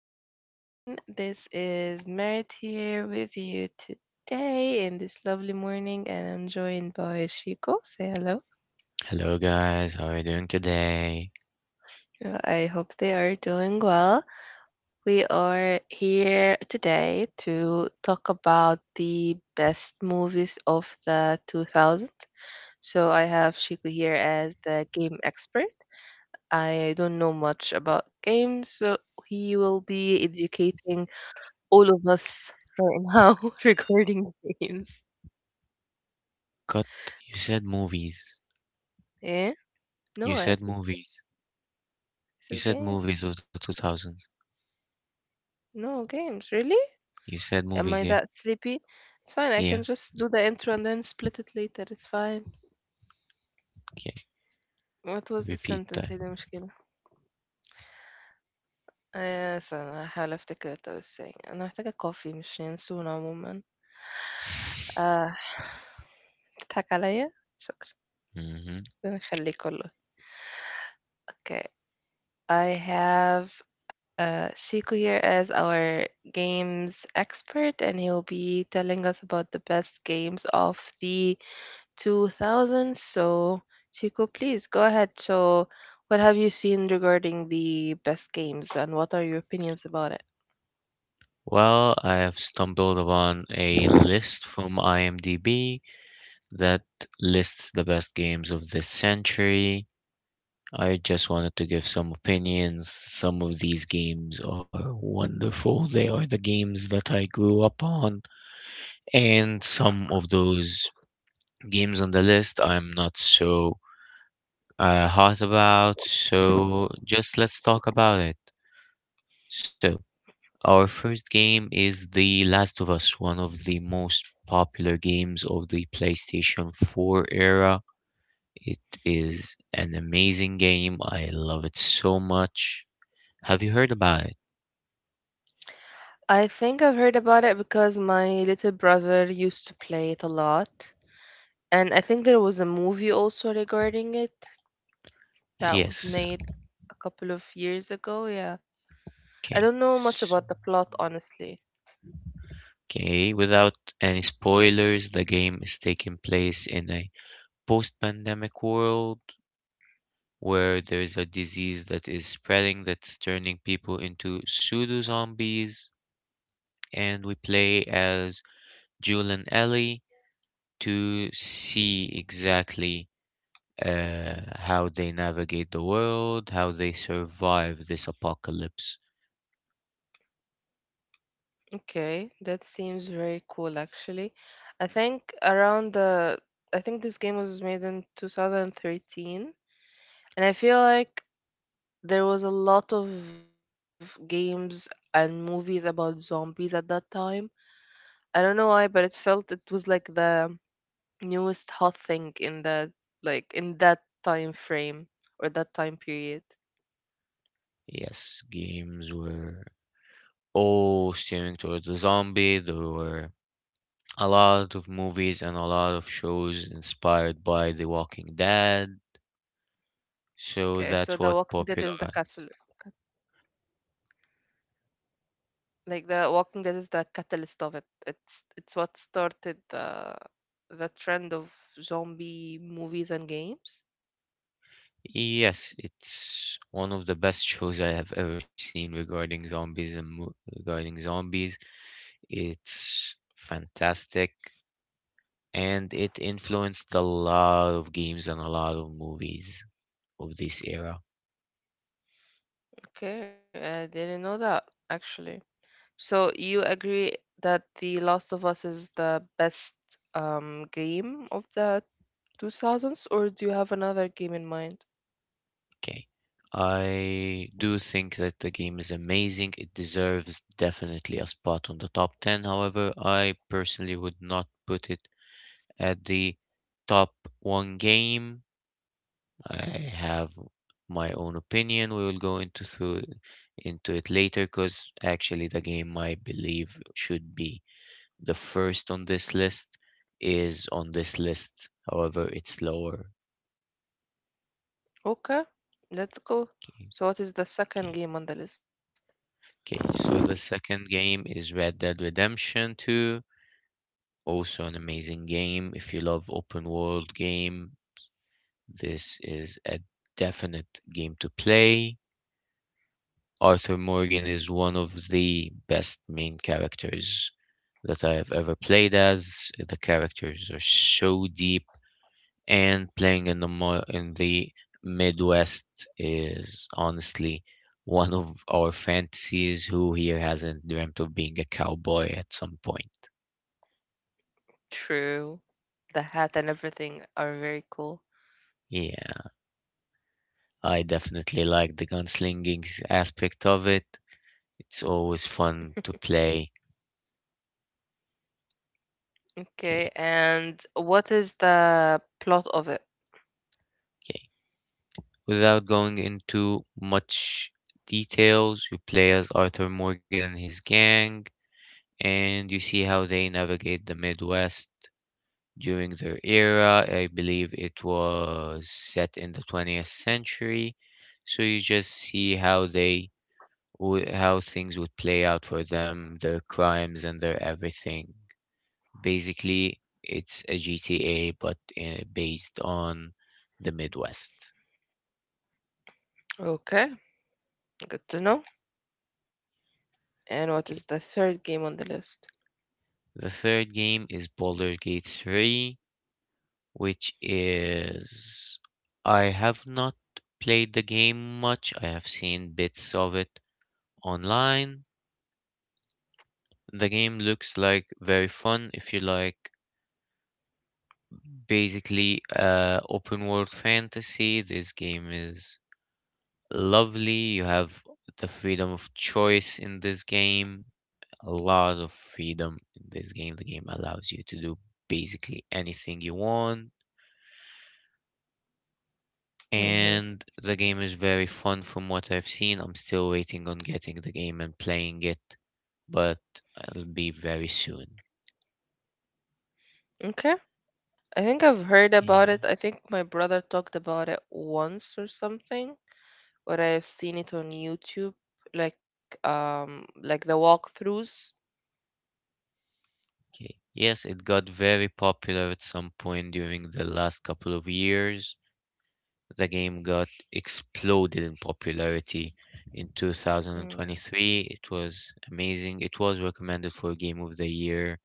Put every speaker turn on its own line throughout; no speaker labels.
everyone. This is Merit here with you today in this lovely morning, and I'm joined by Shiko. Say hello.
Hello guys, how are you doing today?
I hope they are doing well. We are here today to talk about the best movies of the 2000s. So I have Shiko here as the game expert. I don't know much about games, so he will be educating all of us right now regarding games.
Cut, you said movies.
Eh?
You
No,
said movies. You
I
said
said
movies of
game.
the 2000s.
No games. Really?
You said movies,
Am
yeah?
I that sleepy? It's fine.
Yeah?
I can just do the intro and then split it later. It's fine.
Okay,
What was
repeat
the
that.
sentence هي دي مشكلة آه استنى هحاول افتكر what I was saying انا محتاجة coffee مش ينسون عموما آه تضحك عليا شكرا
hmm
ربنا يخليك والله اوكي I have Shiku here as our games expert, and he'll be telling us about the best games of the 2000s. So, Shiku, please go ahead. So, what have you seen regarding the best games, and what are your opinions about
Well, I have stumbled upon a
it?
list from IMDb that lists the best games of this century. I just wanted to give some opinions. Some of these games are wonderful. They are the games that I grew up on, and some of those games on the list I'm not so hot about, so just let's talk about it. So, our first game is The Last of Us, one of the most popular games of the PlayStation 4 era. It is an amazing game. I love it so much. Have you heard about it?
I think I've heard about it because my little brother used to play it a lot. And I think there was a movie also regarding it that was
Yes.
made a couple of years ago. Yeah. I
Okay.
don't know much
S-
about the plot, honestly.
Okay, without any spoilers, the game is taking place in a post-pandemic world where there is a disease that is spreading that's turning people into pseudo zombies, and we play as Jewel and Ellie to see exactly how they navigate the world, how they survive this apocalypse.
Okay, that seems very cool actually. I think around the I think this game was made in 2013, and I feel like there was a lot of games and movies about zombies at that time. I don't know why, but it felt it was like the newest hot thing in that like in that time frame or that time period.
Yes, games were all steering toward the zombie. There were a lot of movies and a lot of shows inspired by The Walking Dead, so
Okay, so
that's
the
what
Walking Dead is the
popularized.
castle, like the Walking Dead is the catalyst of it. It's what started the trend of zombie movies and games.
Yes, it's one of the best shows I have ever seen regarding zombies and regarding zombies. It's fantastic and it influenced a lot of games and a lot of movies of this era.
Okay, I didn't know that actually. So you agree that The Last of Us is the best game of the 2000s, or do you have another game in mind?
Okay. I do think that the game is amazing. It deserves definitely a spot on the top 10. However, I personally would not put it at the top one game. I have my own opinion. We will go into it later because actually the game I believe should be the first on this list is on this list. However, it's lower.
Okay, let's go.
Okay,
So what is the
okay,
second game on the list?
okay. So the second game is Red Dead Redemption 2. Also an amazing game. If you love open world game, this is a definite game to play. Arthur Morgan is one of the best main characters that I have ever played as. The characters are so deep, and playing in in the Midwest is honestly one of our fantasies. Who here hasn't dreamt of being a cowboy at some point?
True. The hat and everything are very cool.
Yeah, I definitely like the aspect of it. It's always fun to play.
Okay,
Okay,
and what is the plot of it?
okay. Without going into much details, you play as Arthur Morgan and his gang and you see how they navigate the Midwest during their era. I believe it was set in the 20th century. So you just see how how things would play out for them, their crimes and their everything. Basically, it's a GTA but based on the Midwest.
Okay, good to know. And what is the
Okay,
third game
so
on the list?
the third game is Baldur's Gate 3, which is, I have not played the game much. I have seen bits of it online. The game looks like very fun if you like basically open world fantasy. This game is lovely. You have the freedom of choice in this game, a lot of freedom in this game. The game allows you to do basically anything you want,
Hmm.
and the game is very fun from what I've seen. I'm still waiting on getting the game and playing it, but it'll be very soon.
Okay. I think I've heard about
Okay.
it. I think my brother talked about it once or something, or I've seen it on YouTube, like like the walkthroughs.
Okay. Yes, it got very popular at some point during the last couple of years. The game got exploded in popularity in
Mm.
2023. It was amazing. It was recommended for Game of the Year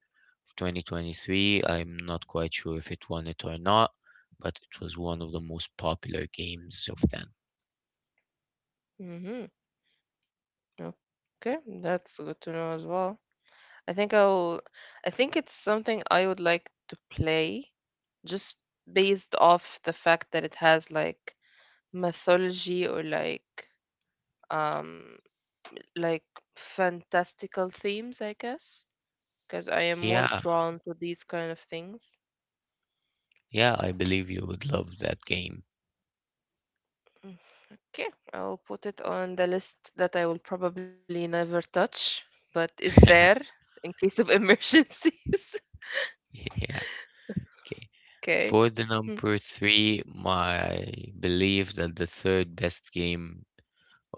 2023. I'm not quite sure if it won it or not, but it was one of the most popular games of then.
Hmm. Okay, that's good to know as well. I think I'll. I think it's something I would like to play, just based off the fact that it has like mythology or um like fantastical themes, I guess, because I am more
Yeah,
drawn to these kind of things.
yeah, I believe you would love that game.
Okay, I'll put it on the list that I will probably never touch, but is there in case of emergencies.
Yeah, okay.
Okay.
For the
Hmm.
number three, my belief that the third best game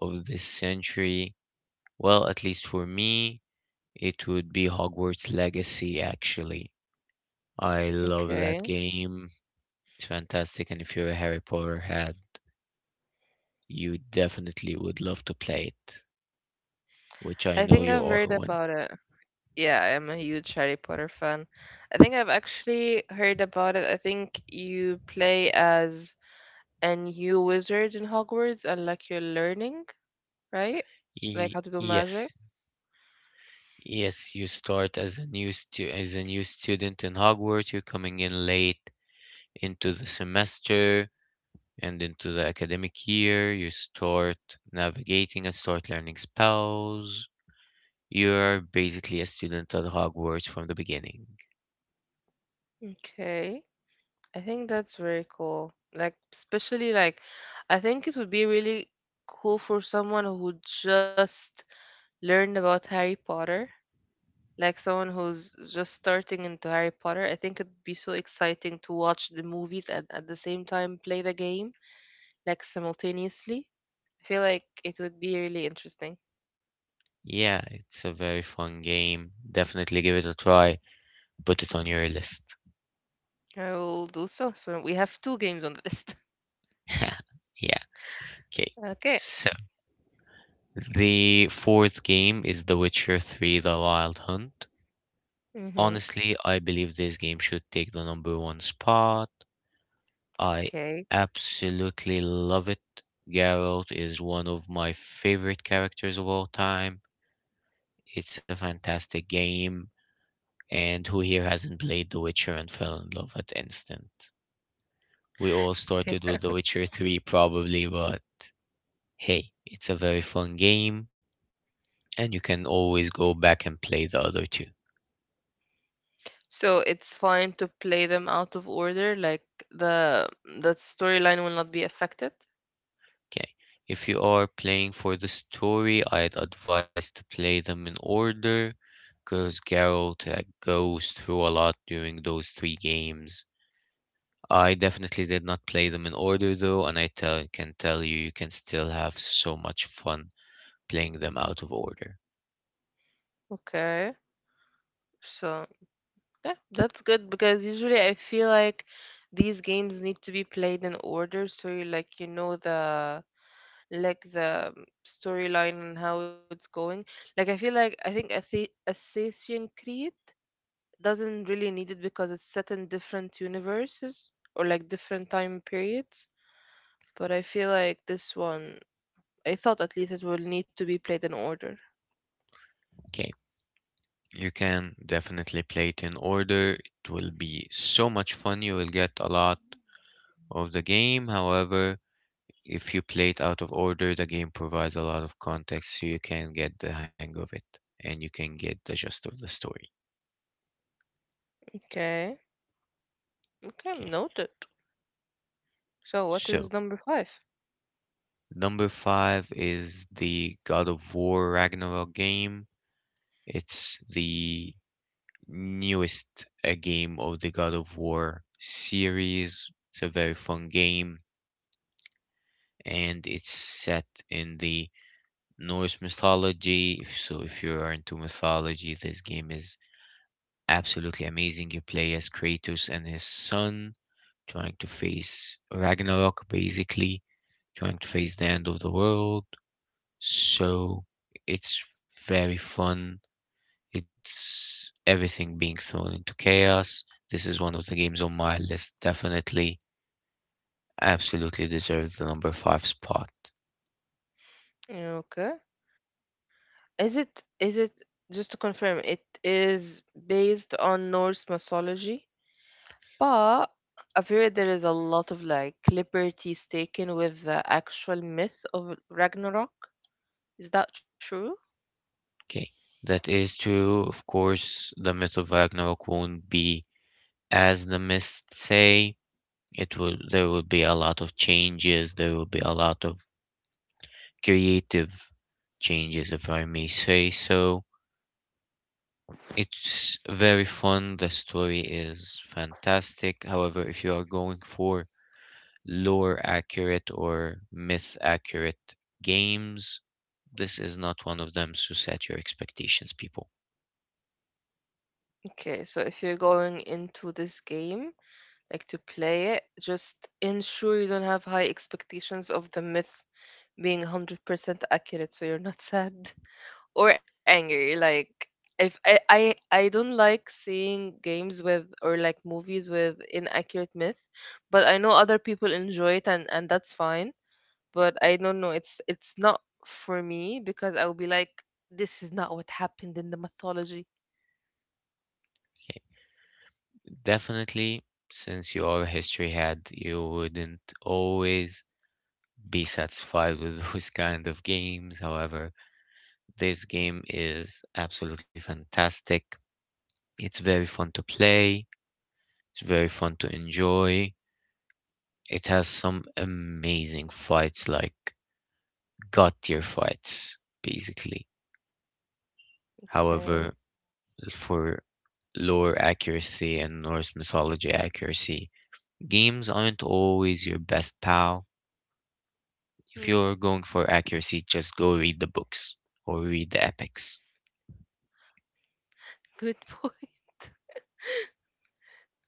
of this century? Well, at least for me, it would be Hogwarts Legacy, actually. I love that
Okay.
game. It's fantastic, and if you're a Harry Potter head, you definitely would love to play it, which I
I
know
think
you
I've
are
heard
one.
about it. Yeah, I am a huge Harry Potter fan. I think I've actually heard about it. I think you play as a new wizard in Hogwarts and like you're learning, right? Like
Y-
how to do magic.
yes. Yes, you start as a new student in Hogwarts. You're coming in late into the semester and into the academic year. You start navigating and start learning spells. You're basically a student at Hogwarts from the beginning.
Okay. I think that's very cool. Like, especially like, I think it would be really cool for someone who just learned about Harry Potter, like someone who's just starting into Harry Potter. I think it'd be so exciting to watch the movies and at the same time play the game, like simultaneously. I feel like it would be really interesting.
Yeah, it's a very fun game. Definitely give it a try. Put it on your list.
I will do so. So we have two games on the list.
yeah, okay.
Okay.
So, the fourth game is The Witcher 3 The Wild Hunt.
Mm-hmm.
Honestly, I believe this game should take the number one spot. I
Okay.
absolutely love it. Geralt is one of my favorite characters of all time. It's a fantastic game. And who here hasn't played The Witcher and fell in love at instant? We all started with The Witcher 3 probably, but hey, it's a very fun game and you can always go back and play the other two.
So it's fine to play them out of order, like the that storyline will not be affected.
Okay. If you are playing for the story, I'd advise to play them in order because Geralt goes through a lot during those three games. I definitely did not play them in order though, and can tell you, you can still have so much fun playing them out of order.
Okay. So yeah, that's good because usually I feel like these games need to be played in order so you like you know the like the storyline and how it's going. Like I feel like I think Assassin's Creed doesn't really need it because it's set in different universes or like different time periods. But I feel like this one, I thought at least it will need to be played in order.
Okay, you can definitely play it in order. It will be so much fun. You will get a lot of the game. However, if you play it out of order, the game provides a lot of context so you can get the hang of it and you can get the gist of the story.
Okay.
Okay,
Okay, noted. So
so
what is number five?
number five is the God of War Ragnarok game. It's the newest game of the God of War series. It's a very fun game and it's set in the Norse mythology. So if you are into mythology, this game is absolutely amazing. You play as Kratos and his son trying to face Ragnarok, basically trying to face the end of the world. So it's very fun. It's everything being thrown into chaos. This is one of the games on my list. Definitely, absolutely deserves the number five spot.
Okay. Is it just to confirm, it is based on Norse mythology, but I've heard there is a lot of like liberties taken with the actual myth of Ragnarok. Is that true?
Okay, that is true. Of course, the myth of Ragnarok won't be as the myths say. It will. There will be a lot of changes. There will be a lot of creative changes, if I may say so. It's very fun. The story is fantastic. However, if you are going for lore accurate or myth accurate games, this is not one of them. So set your expectations, people.
Okay, so if you're going into this game, like to play it, just ensure you don't have high expectations of the myth being 100% accurate so you're not sad or angry. Like, if I, I don't like seeing games with or like movies with inaccurate myth, but I know other people enjoy it and that's fine, but I don't know, it's not for me because I will be like this is not what happened in the mythology.
Definitely, since you are a history head, you wouldn't always be satisfied with those kind of games. However, this game is absolutely fantastic. It's very fun to play, it's very fun to enjoy. It has some amazing fights, like god tier fights, basically. However,
Okay.
for lore accuracy and Norse mythology accuracy, games aren't always your best pal. If you're
Hmm.
going for accuracy, just go read the books or read the epics.
Good point.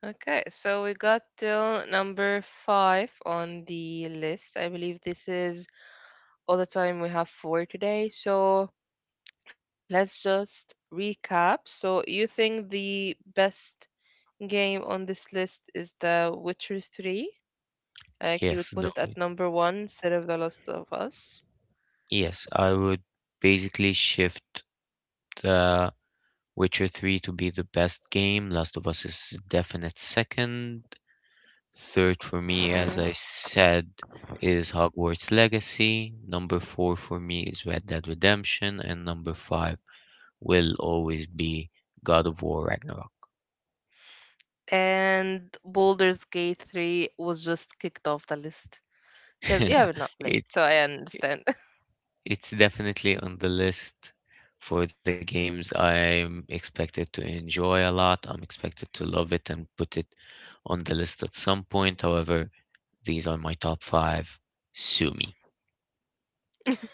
Okay, so we got till number five on the list. I believe this is all the time we have for today. So let's just recap. So you think the best game on this list is The Witcher 3? Like you would
Yes,
put
the,
it at number one instead of The Last of Us.
yes, I would basically shift the Witcher 3 to be the best game. Last of Us is definite second. Third for me, as
Mhm.
I said, is Hogwarts Legacy. Number four for me is Red Dead Redemption, and number five will always be God of War Ragnarok.
And Baldur's Gate 3 was just kicked off the list because you have not played,
it,
so I understand.
It's definitely on the list for the games I'm expected to enjoy a lot. I'm expected to love it and put it on the list at some point. However, these are my top five. Sue me.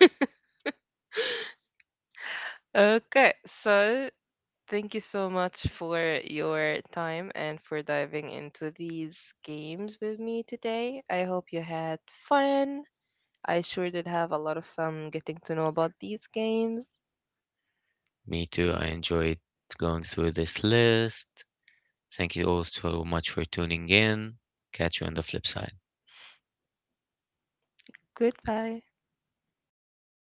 Okay, so thank you so much for your time and for diving into these games with me today. I hope you had fun. I sure did have a lot of fun getting to know about these games.
Me too. I enjoyed going through this list. Thank you all so much for tuning in. Catch you on the flip side.
Goodbye.
Bye bye.